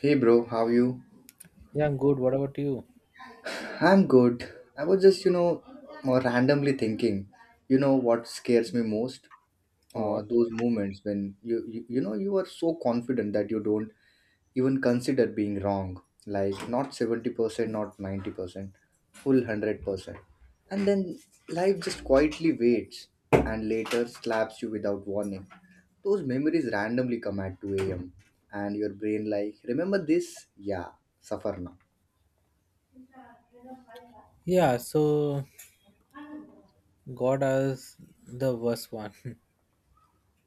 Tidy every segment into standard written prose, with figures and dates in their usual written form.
Hey bro, how are you? Yeah, I'm good. What about you? I'm good. I was just, randomly thinking, what scares me most? Uh, What? those moments when you are so confident that you don't even consider being wrong. Like not 70%, not 90%, full 100%. And then life just quietly waits and later slaps you without warning. Those memories randomly come at 2 a.m. and your brain like, remember this? Yeah, suffer now. Yeah, so God is the worst one.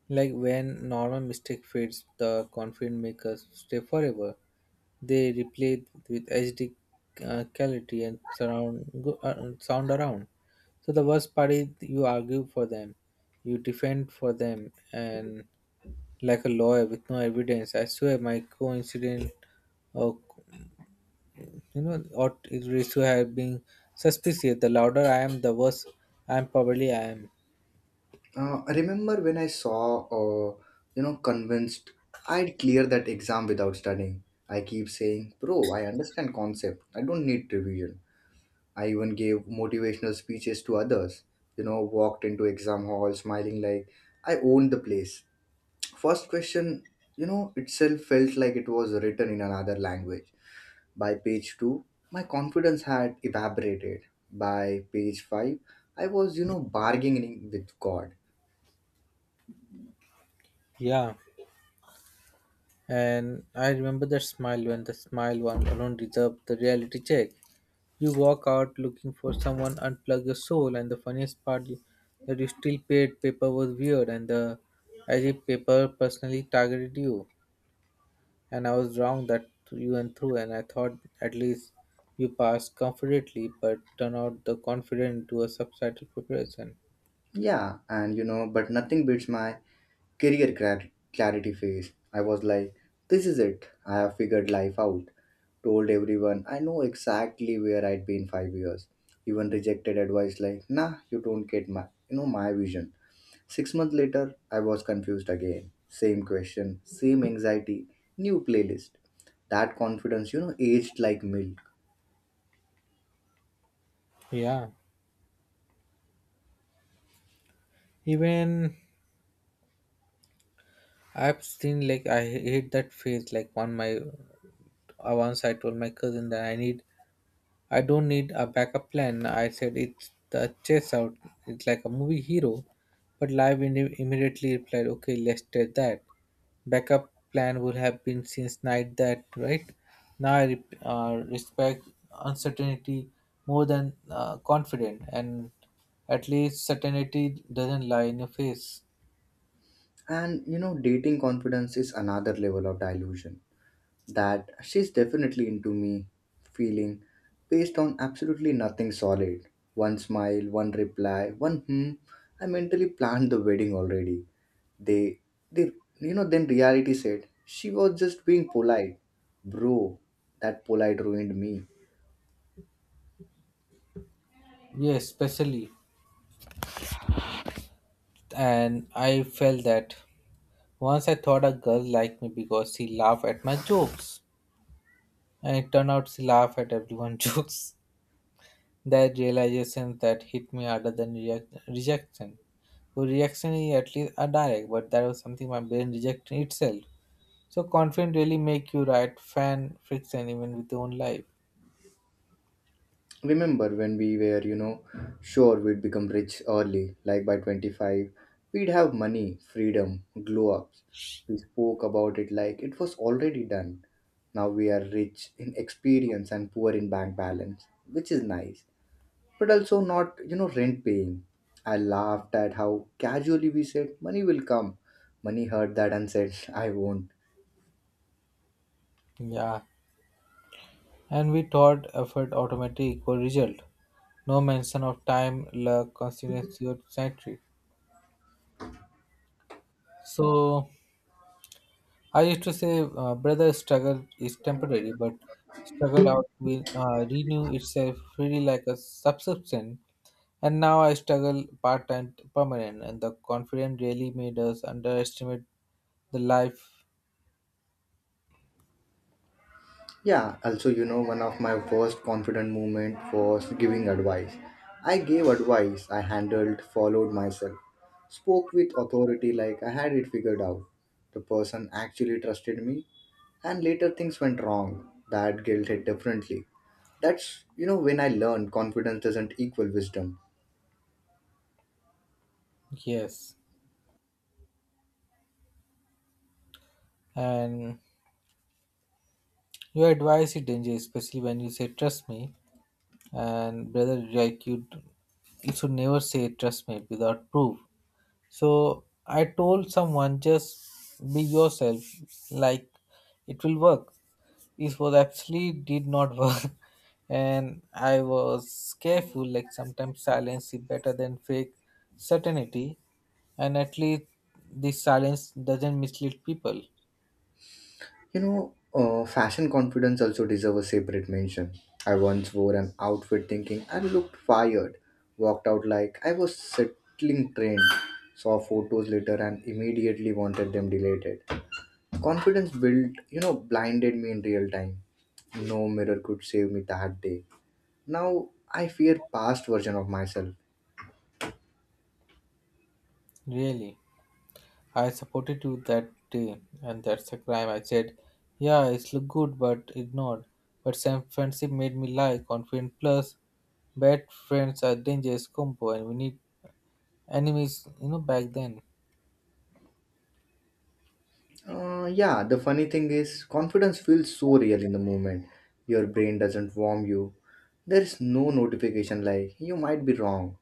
Like when normal mistake fades, the confident makers stay forever. They replay it with HD quality and surround go, sound around. So the worst part is you argue for them, you defend for them, and like a lawyer with no evidence. I swear my coincident. You know, ought it is to have been suspicious. The louder I am, the worse I am probably I am. I remember when I saw, uh, convinced I'd clear that exam without studying. I keep saying, bro, I understand concept. I don't need revision. I even gave motivational speeches to others. You know, walked into exam hall smiling like I owned the place. First question, itself felt like it was written in another language. By page 2, my confidence had evaporated. By page 5, I was, bargaining with God. Yeah. And I remember that smile when the smile one alone deserved the reality check. You walk out looking for someone, unplug your soul, and the funniest part you, that you still paid paper was weird, and the as if paper personally targeted you. And I was wrong that you and through, and I thought at least you passed confidently, but turned out the confident to a subtitle preparation. Yeah, and but nothing beats my career clarity phase. I was like, this is it. I have figured life out. Told everyone I know exactly where I'd be in 5 years. Even rejected advice like, nah, you don't get my vision. 6 months later, I was confused again. Same question, same anxiety, new playlist. That confidence, aged like milk. Yeah, even I've seen like I hate that phase. Like one my once I told my cousin that I need I don't need a backup plan. I said it's the chess out. It's like a movie hero, but live immediately replied, "Okay, let's test that." Backup plan would have been since night that right now I respect uncertainty more than confident, and at least certainty doesn't lie in your face. And you know, dating confidence is another level of delusion. That she's definitely into me feeling based on absolutely nothing solid. One smile, one reply, one hmm. I mentally planned the wedding already. They, they, then reality said she was just being polite. Bro, that polite ruined me. Yes, especially. And I felt that once I thought a girl liked me because she laughed at my jokes, and it turned out she laughed at everyone's jokes. That realization that hit me harder than rejection. So reaction is at least a direct, but that was something my brain rejected itself. So confidence really make you right fan friction even with your own life. Remember when we were sure we'd become rich early, like by 25. We'd have money freedom, glow ups. We spoke about it like it was already done. Now we are rich in experience and poor in bank balance, which is nice, but also not rent paying. I laughed at how casually we said money will come. Money heard that and said I won't. Yeah, and we thought effort automatically equal result. No mention of time, luck, consistency, or sanctity. So I used to say, brother, struggle is temporary, but struggle out will renew itself really like a subscription. And now I struggle part time permanent, and the confidence really made us underestimate the life. Yeah, also, you know, one of my first confident moment was giving advice. I gave advice, I handled, followed myself, spoke with authority like I had it figured out. The person actually trusted me, and later things went wrong. That guilt hit differently. That's, when I learned confidence doesn't equal wisdom. Yes, and your advice is dangerous, especially when you say trust me. And brother, like you should never say trust me without proof. So I told someone just be yourself, like it will work. It was actually did not work, and I was careful. Like sometimes silence is better than fake certainty, and at least this silence doesn't mislead people Fashion confidence also deserves a separate mention. I once wore an outfit thinking I looked fired, walked out like I was settling train. Saw photos later and immediately wanted them deleted. Confidence built, blinded me in real time. No mirror could save me that day. Now I fear past version of myself. really. I supported you that day, and that's a crime. I said, yeah, it's look good, but ignored. But Sam friendship made me lie, confident plus bad friends are dangerous combo, and we need enemies, you know, back then. Yeah, the funny thing is, confidence feels so real in the moment. Your brain doesn't warm you. There is no notification like, you might be wrong.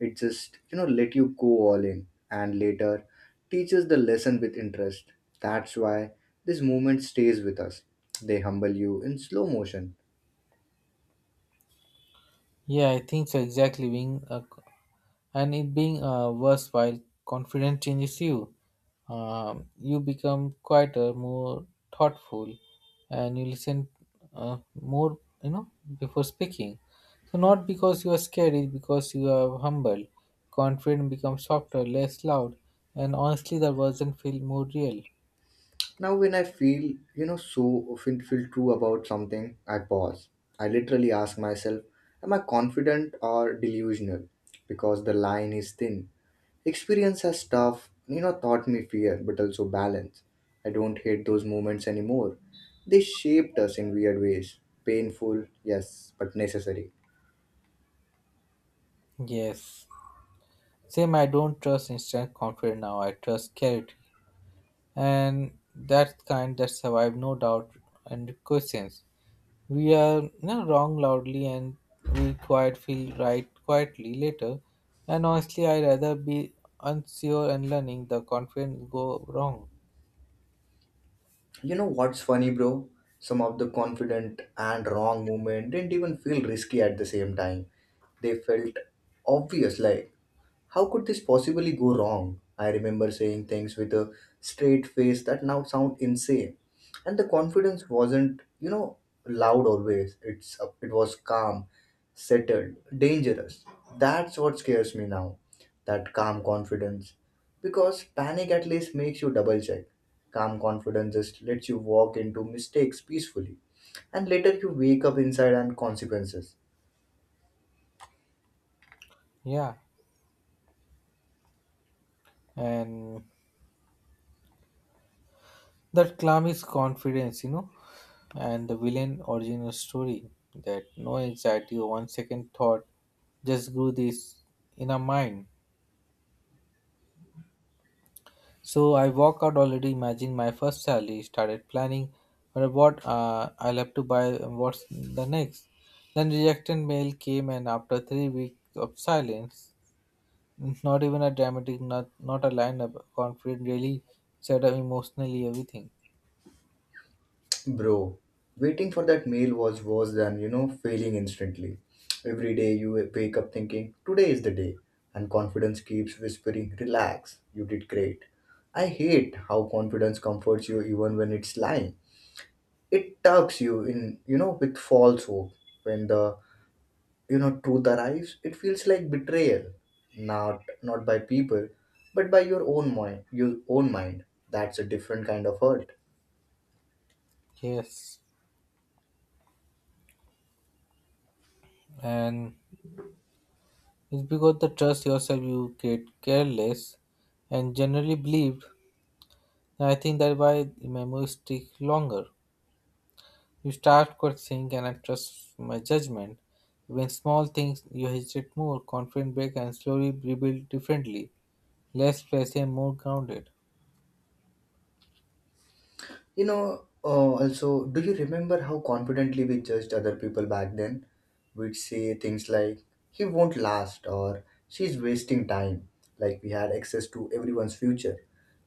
It just let you go all in and later teaches the lesson with interest. That's why this moment stays with us. They humble you in slow motion. Yeah, I think so. Exactly, being a and it being worthwhile confidence changes you, you become quieter more thoughtful and you listen more, you know, before speaking, so not because you are scared, it's because you are humble. Confidence becomes softer less loud, and honestly the version feel more real. Now, when I feel, feel true about something, I pause. I literally ask myself, am I confident or delusional? Because the line is thin. Experience as tough, taught me fear, but also balance. I don't hate those moments anymore. They shaped us in weird ways. Painful, yes, but necessary. Yes, same. I don't trust instant confidence now. I trust clarity and that kind that survive no doubt and questions. We are no, wrong loudly and we quite feel right quietly later. And honestly, I rather be unsure and learning the confidence go wrong. You know what's funny, bro? Some of the confident and wrong movement didn't even feel risky at the same time. They felt obvious, like, how could this possibly go wrong? I remember saying things with a straight face that now sound insane. And the confidence wasn't, loud always. It was calm, settled, dangerous. That's what scares me now. That calm confidence. Because panic at least makes you double check. Calm confidence just lets you walk into mistakes peacefully. And later you wake up inside and consequences. Yeah, and that calm is confidence, you know, and the villain original story that no anxiety or one second thought just grew this in our mind. So I walk out already imagine my first salary, started planning for what I'll have to buy and what's the next. Then rejected mail came and after 3 weeks of silence, not even a dramatic, not a line up, confident really set up emotionally everything. Bro, waiting for that mail was worse than, failing instantly. Every day you wake up thinking, today is the day, and confidence keeps whispering, relax, you did great. I hate how confidence comforts you even when it's lying. It tucks you in, with false hope. When the truth arrives, it feels like betrayal. Not by people, but by your own mind, your own mind. That's a different kind of hurt. Yes, and it's because the trust yourself you get careless and generally believed. I think that why the memories stick longer. You start questioning can I trust my judgment? When small things you hesitate more, confident break and slowly rebuild differently, less flashy and more grounded. Also, do you remember how confidently we judged other people back then? We'd say things like, he won't last or she's wasting time, like we had access to everyone's future.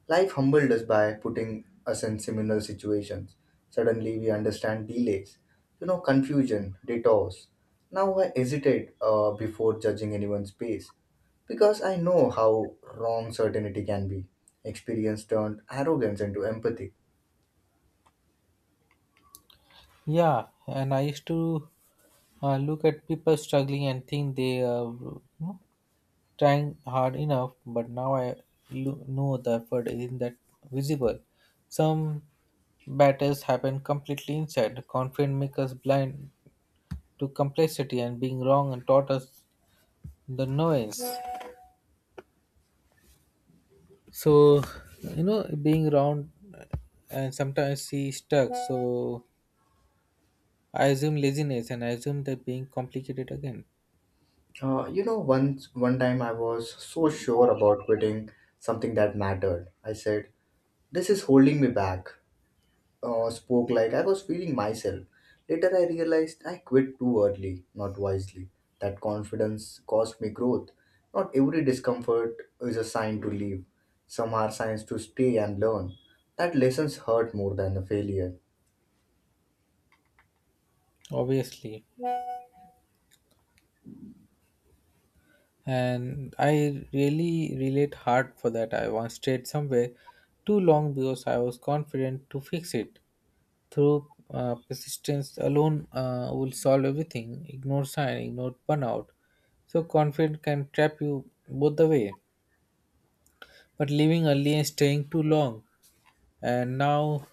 Life humbled us by putting us in similar situations. Suddenly, we understand delays, confusion, detours. Now, I hesitate before judging anyone's pace because I know how wrong certainty can be. Experience turned arrogance into empathy. Yeah, and I used to look at people struggling and think they are, you know, trying hard enough, but now I know the effort isn't that visible. Some battles happen completely inside. Confidence makes us blind to complexity and being wrong and taught us the noise. So, you know, being round and sometimes see stuck, so I assume laziness and I assume that being complicated again. Once one time I was so sure about quitting something that mattered. I said, "This is holding me back." Spoke like I was feeling myself. Later, I realized I quit too early, not wisely. That confidence cost me growth. Not every discomfort is a sign to leave. Some are signs to stay and learn. That lessons hurt more than the failure. Obviously, and I really relate hard for that. I once stayed somewhere too long because I was confident to fix it through persistence alone will solve everything, ignore sign, ignore burnout. So confidence can trap you both the way but leaving early and staying too long, and now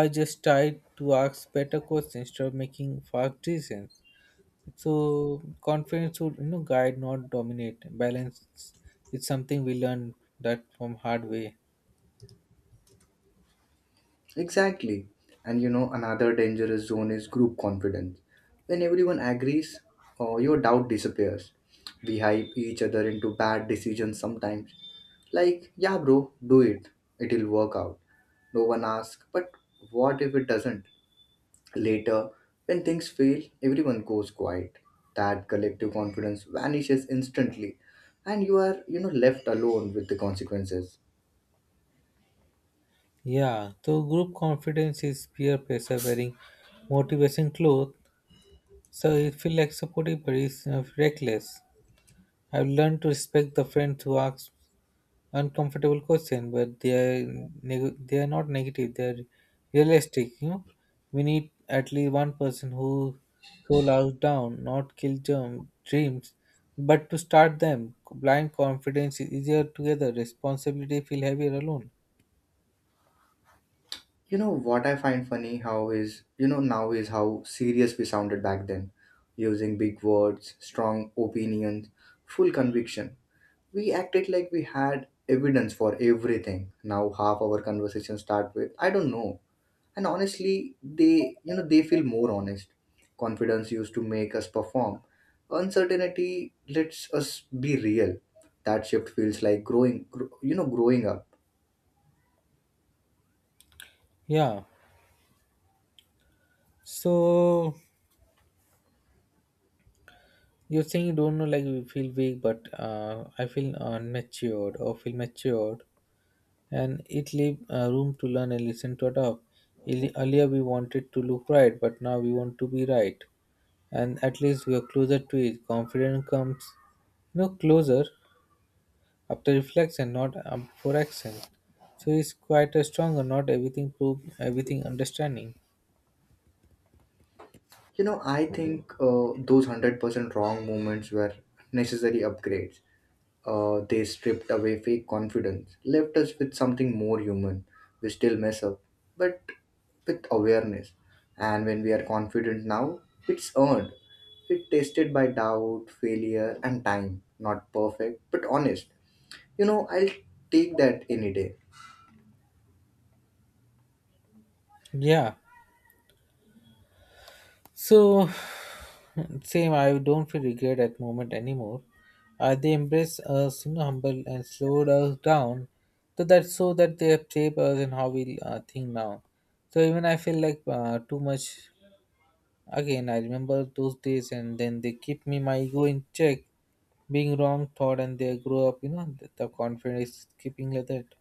I just try to ask better questions instead of making fast decisions. So confidence should, you know, guide, not dominate. Balance is something we learn that from hard way. Exactly. And you know, another dangerous zone is group confidence. When everyone agrees, your doubt disappears. We hype each other into bad decisions sometimes. Like, yeah, bro, do it. It'll work out. No one asks, but what if it doesn't? Later, when things fail, everyone goes quiet. That collective confidence vanishes instantly, and you are, left alone with the consequences. Yeah. So group confidence is peer pressure wearing motivation clothes. So it feel like supportive but it's reckless. I've learned to respect the friends who ask uncomfortable questions, but they are not negative. They are realistic. You know, we need at least one person who cool us down, not kill germ dreams, but to start them. Blind confidence is easier together. Responsibility feel heavier alone. You know what I find funny how is, you know, now is how serious we sounded back then, using big words, strong opinions, full conviction. We acted like we had evidence for everything. Now half our conversations start with, I don't know. And honestly, they feel more honest. Confidence used to make us perform. Uncertainty lets us be real. That shift feels like growing, growing up. Yeah. So you're saying you don't know, like you feel weak, but I feel unmatured or feel matured. And it leave room to learn and listen to adopt. Earlier we wanted to look right, but now we want to be right, and at least we are closer to it. Confidence comes, you know, closer after reflection, not before action. So it's quite a stronger. Not everything prove everything understanding. You know, I think those 100% wrong moments were necessary upgrades. They stripped away fake confidence, left us with something more human. We still mess up, but with awareness. And when we are confident now, it's earned. It tested by doubt, failure, and time. Not perfect, but honest. You know, I'll take that any day. Yeah. So, same, I don't feel regret at moment anymore. They embrace us, you know, humble and slowed us down, so that they have shaped us and how we think now. So even I feel like too much. Again, I remember those days, and then they keep me my ego in check, being wrong thought, and they grow up. You know, the confidence keeping like that.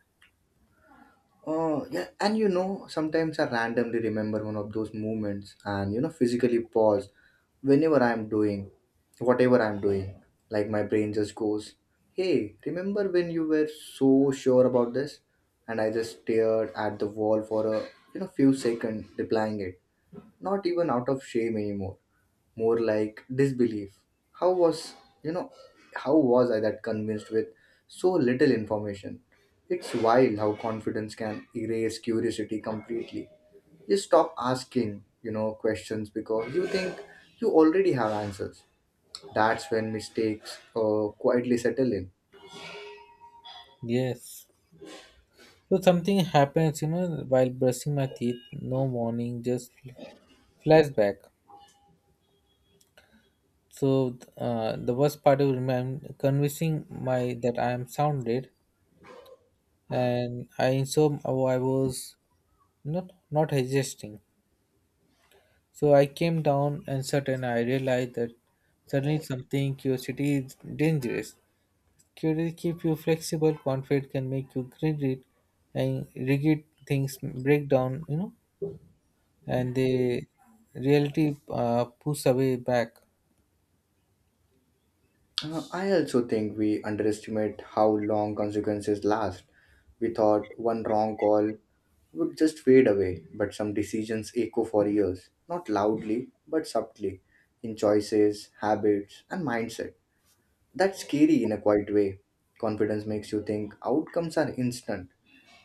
Oh, yeah, and you know, sometimes I randomly remember one of those moments and physically pause whenever I'm doing whatever I'm doing. Like my brain just goes, hey, remember when you were so sure about this? And I just stared at the wall for a few seconds replying it. Not even out of shame anymore, more like disbelief. How was you know how was I that convinced with so little information? It's wild how confidence can erase curiosity completely. You stop asking questions because you think you already have answers. That's when mistakes quietly settle in. Yes. So something happens, you know, while brushing my teeth. No warning, just flashback. So the worst part of it, I'm convincing my that I am sounded, and I so I was not hesitating. So I came down and certain I realized that suddenly something curiosity is dangerous. Curiosity keep you flexible, confident can make you rigid, and rigid things break down. You know, and the reality push away back. I also think we underestimate how long consequences last. We thought one wrong call would just fade away, but some decisions echo for years, not loudly, but subtly, in choices, habits, and mindset. That's scary in a quiet way. Confidence makes you think outcomes are instant.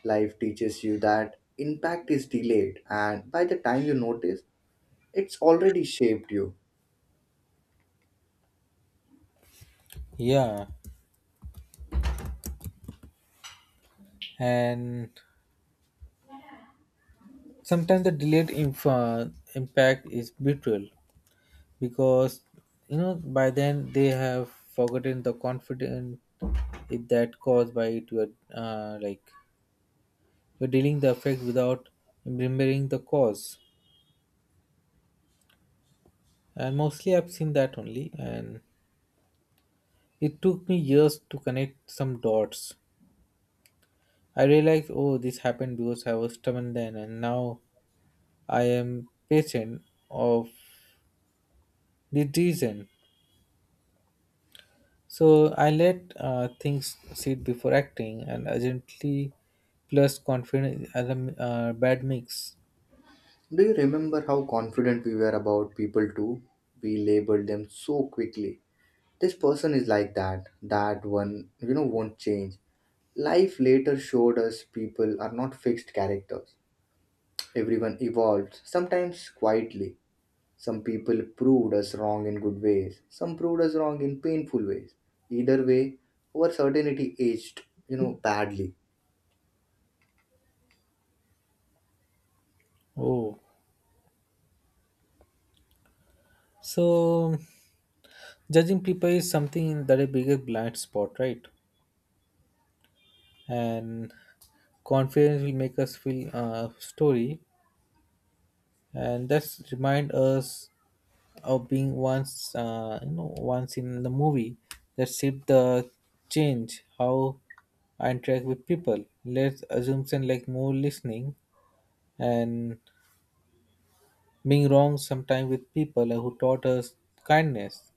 Life teaches you that impact is delayed, and by the time you notice, it's already shaped you. Yeah, and sometimes the delayed impact is brutal because, you know, by then they have forgotten the confidence that caused by it. You're like you're dealing the effect without remembering the cause, and mostly I've seen that only, and it took me years to connect some dots. I realized, oh, this happened because I was stubborn then and now I am patient of the reason. So I let things sit before acting and urgently plus confidence are a bad mix. Do you remember how confident we were about people too? We labeled them so quickly. This person is like that, that one, won't change. Life later showed us people are not fixed characters. Everyone evolves, sometimes quietly. Some people proved us wrong in good ways, some proved us wrong in painful ways. Either way, our certainty aged, badly. Oh, so judging people is something that a bigger blind spot, right? And confidence will make us feel story and that's remind us of being once you know once in the movie that shaped the change how I interact with people. Let's assumption like more listening and being wrong sometimes with people who taught us kindness.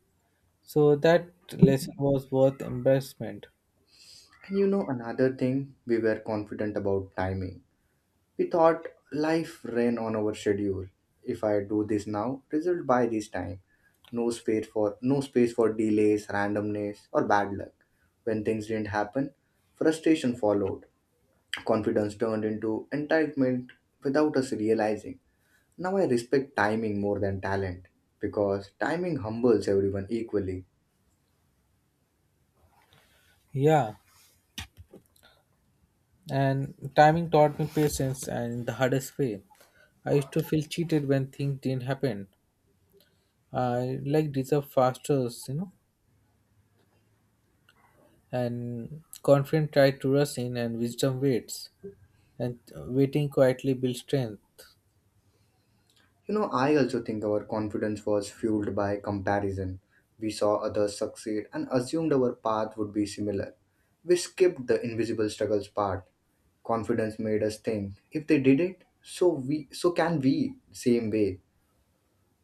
So that lesson was worth embarrassment. And you know, another thing, we were confident about timing. We thought life ran on our schedule. If I do this now, result by this time. No space for delays, randomness, or bad luck. When things didn't happen, frustration followed. Confidence turned into entitlement without us realizing. Now I respect timing more than talent because timing humbles everyone equally. Yeah, and timing taught me patience and the hardest way. I used to feel cheated when things didn't happen. I like deserve fasters, you know, and confident try to rush in, and wisdom waits, and waiting quietly builds strength. You know, I also think our confidence was fueled by comparison. We saw others succeed and assumed our path would be similar. We skipped the invisible struggles part. Confidence made us think if they did it, so can we same way.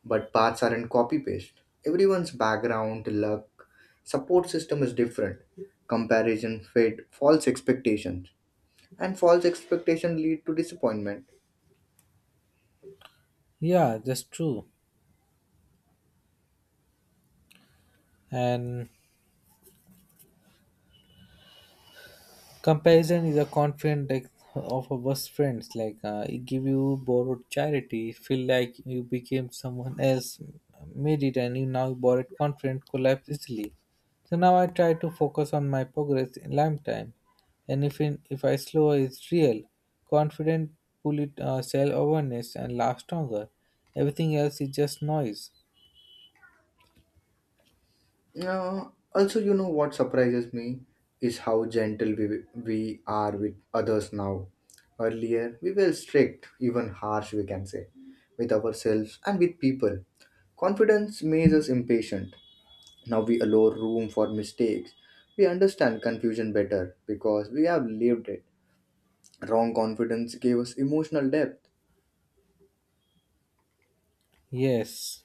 But paths aren't copy paste. Everyone's background, luck, support system is different. Comparison fed false expectations, and false expectations lead to disappointment. Yeah, that's true. And comparison is a confident of a best friends. Like it give you borrowed charity, feel like you became someone else, made it, and you now borrowed confident collapse easily. So now I try to focus on my progress in lifetime, and if in, if I slow is real, confident pull it self awareness and last stronger. Everything else is just noise. Uh, also, what surprises me is how gentle we are with others now. Earlier, we were strict, even harsh, we can say, with ourselves and with people. Confidence makes us impatient. Now we allow room for mistakes. We understand confusion better because we have lived it. Wrong confidence gave us emotional depth. Yes.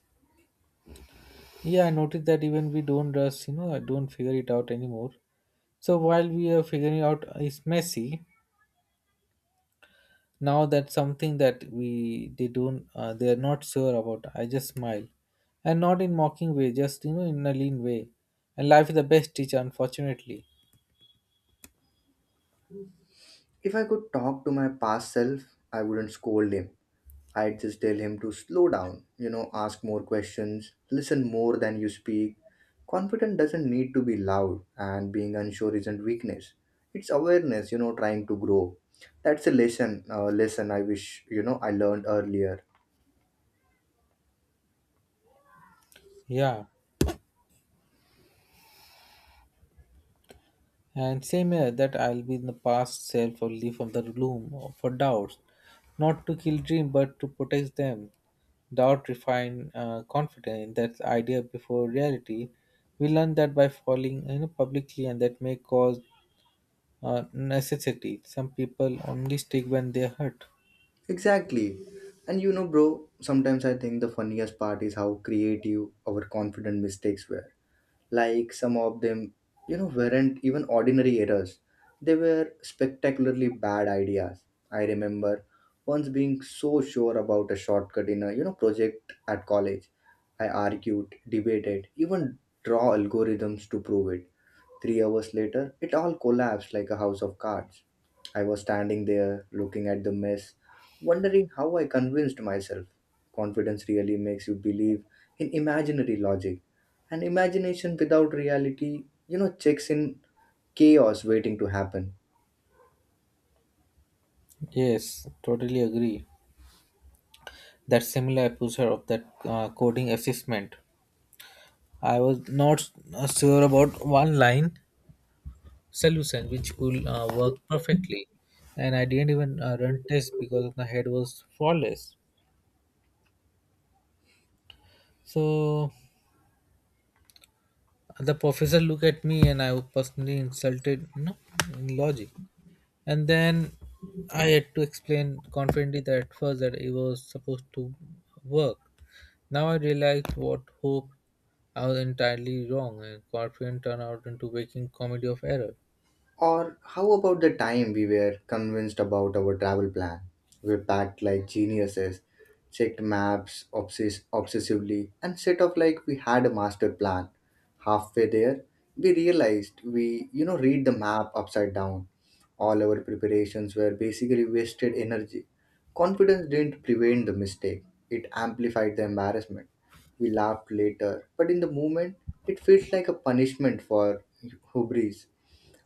Yeah, I noticed that even we don't rush, you know, I don't figure it out anymore. So while we are figuring out is messy, now that's something that we they don't they are not sure about. I just smile, and not in mocking way, just, you know, in a lean way. And life is the best teacher, unfortunately. If I could talk to my past self, I wouldn't scold him. I'd just tell him to slow down, ask more questions, listen more than you speak. Confident doesn't need to be loud, and being unsure isn't weakness. It's awareness, trying to grow. That's a lesson I wish, I learned earlier. Yeah, and same here that I'll be in the past self only from the gloom for doubts, not to kill dream but to protect them. Doubt refine confidence in that idea before reality. We learn that by falling, you know, publicly and that may cause necessity. Some people only stick when they hurt. Exactly. And you know, bro, sometimes I think the funniest part is how creative our confident mistakes were, like some of them, weren't even ordinary errors, they were spectacularly bad ideas. I remember once being so sure about a shortcut in a project at college. I argued, debated, even draw algorithms to prove it. 3 hours later, it all collapsed like a house of cards. I was standing there, looking at the mess, wondering how I convinced myself. Confidence really makes you believe in imaginary logic. And imagination without reality, checks in chaos waiting to happen. Yes, totally agree. That similar episode of that coding assessment. I was not sure about one line solution which could work perfectly, and I didn't even run test because my head was flawless. So the professor looked at me, and I was personally insulted. No, in logic. And then I had to explain confidently that at first that it was supposed to work. Now I realized what hope I was entirely wrong and confident turned out into waking comedy of error. Or how about the time we were convinced about our travel plan? We packed like geniuses, checked maps obsessively, and set off like we had a master plan. Halfway there, we realized we read the map upside down. All our preparations were basically wasted energy. Confidence didn't prevent the mistake, it amplified the embarrassment. We laughed later, but in the moment, it felt like a punishment for hubris.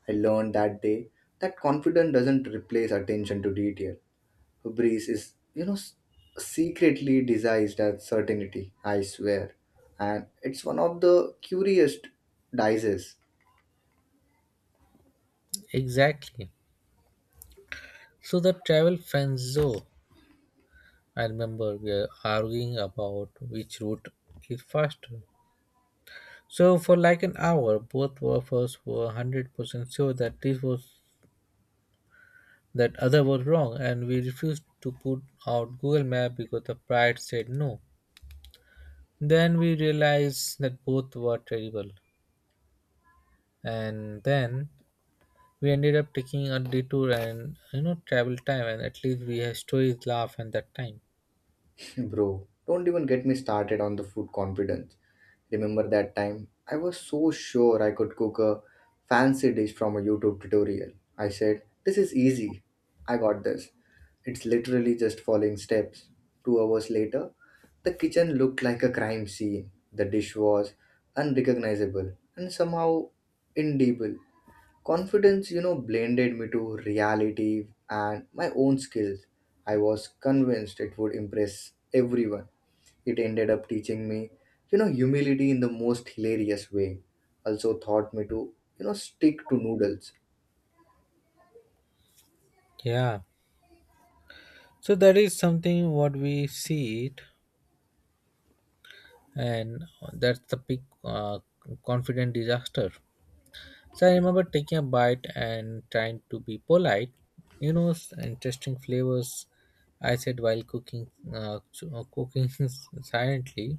I learned that day that confidence doesn't replace attention to detail. Hubris is, secretly disguised as certainty, I swear. And it's one of the curious dices. Exactly. So the travel frenzo, I remember we are arguing about which route is faster, so for like an hour both of us were 100% sure that this was that other was wrong and we refused to put out Google map because the pride said no. Then we realized that both were terrible, and then we ended up taking a detour and, you know, travel time, and at least we have stories laugh at that time. Bro, don't even get me started on the food confidence. Remember that time? I was so sure I could cook a fancy dish from a YouTube tutorial. I said, "This is easy. I got this. It's literally just following steps." 2 hours later, the kitchen looked like a crime scene. The dish was unrecognizable and somehow indelible. Confidence blended me to reality and my own skills. I was convinced it would impress everyone. It ended up teaching me, humility in the most hilarious way. Also taught me to, stick to noodles. Yeah, so that is something what we see it, and that's the big confident disaster. So I remember taking a bite and trying to be polite, you know, and testing flavors. I said while cooking, cooking silently.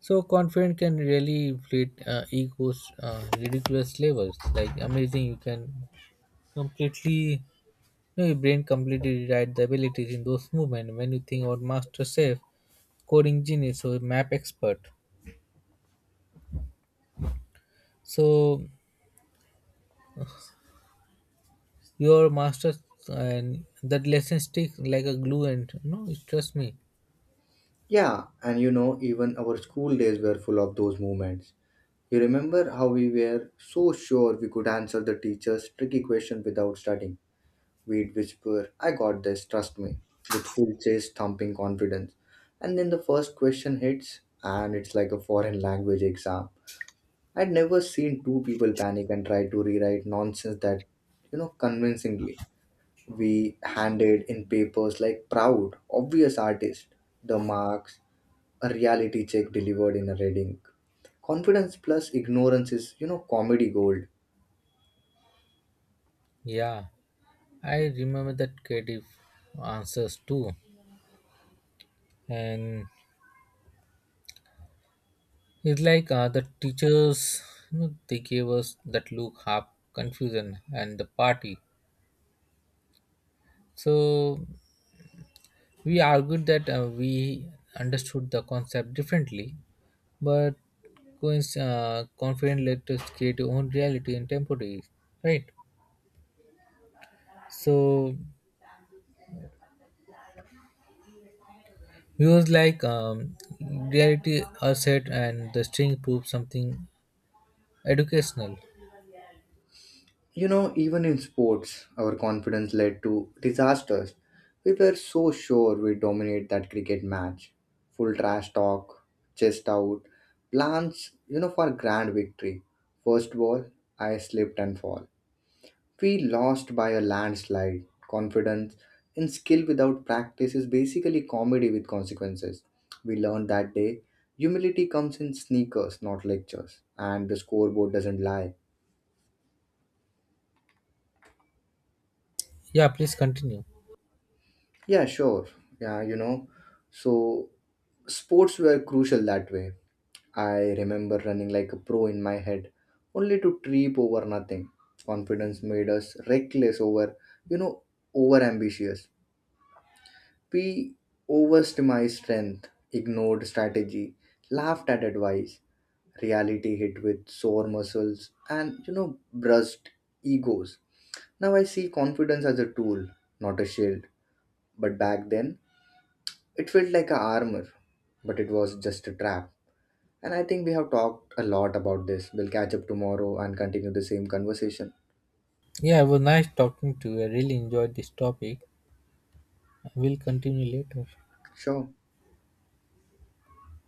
So confidence can really inflate egos ridiculous levels. Like amazing, you can completely, you know, your brain completely rewrite the abilities in those movements. When you think about master chef, coding genius, or map expert, so your master and that lesson sticks like a glue. And no, trust me, Yeah, and you know, even our school days were full of those moments. You remember how we were so sure we could answer the teacher's tricky question without studying? We'd whisper, "I got this, trust me," with full chest thumping confidence. And then the first question hits, and it's like a foreign language exam. I'd never seen two people panic and try to rewrite nonsense that, convincingly. We handed in papers like proud, obvious artists. The marks, a reality check delivered in a reading. Confidence plus ignorance is, comedy gold. yeah, I remember that creative answers too, and it's like the teachers, you know, they gave us that look half confusion and the party. So we argued that we understood the concept differently, but confident let us create our own reality in temporary, right? So we was like reality are and the string proved something educational. You know, even in sports, our confidence led to disasters. We were so sure we dominate that cricket match. Full trash talk, chest out, plans, for grand victory. First ball, I slipped and fall. We lost by a landslide. Confidence in skill without practice is basically comedy with consequences. We learned that day humility comes in sneakers, not lectures, and the scoreboard doesn't lie. Yeah, please continue. Yeah, sure. Yeah, you know. So, sports were crucial that way. I remember running like a pro in my head, only to trip over nothing. Confidence made us reckless, over, you know, over ambitious. We overestimated strength, ignored strategy, laughed at advice. Reality hit with sore muscles and, brushed egos. Now I see confidence as a tool, not a shield. But back then, it felt like a armor, but it was just a trap. And I think we have talked a lot about this. We'll catch up tomorrow and continue the same conversation. Yeah, it was nice talking to you. I really enjoyed this topic. We'll continue later. Sure.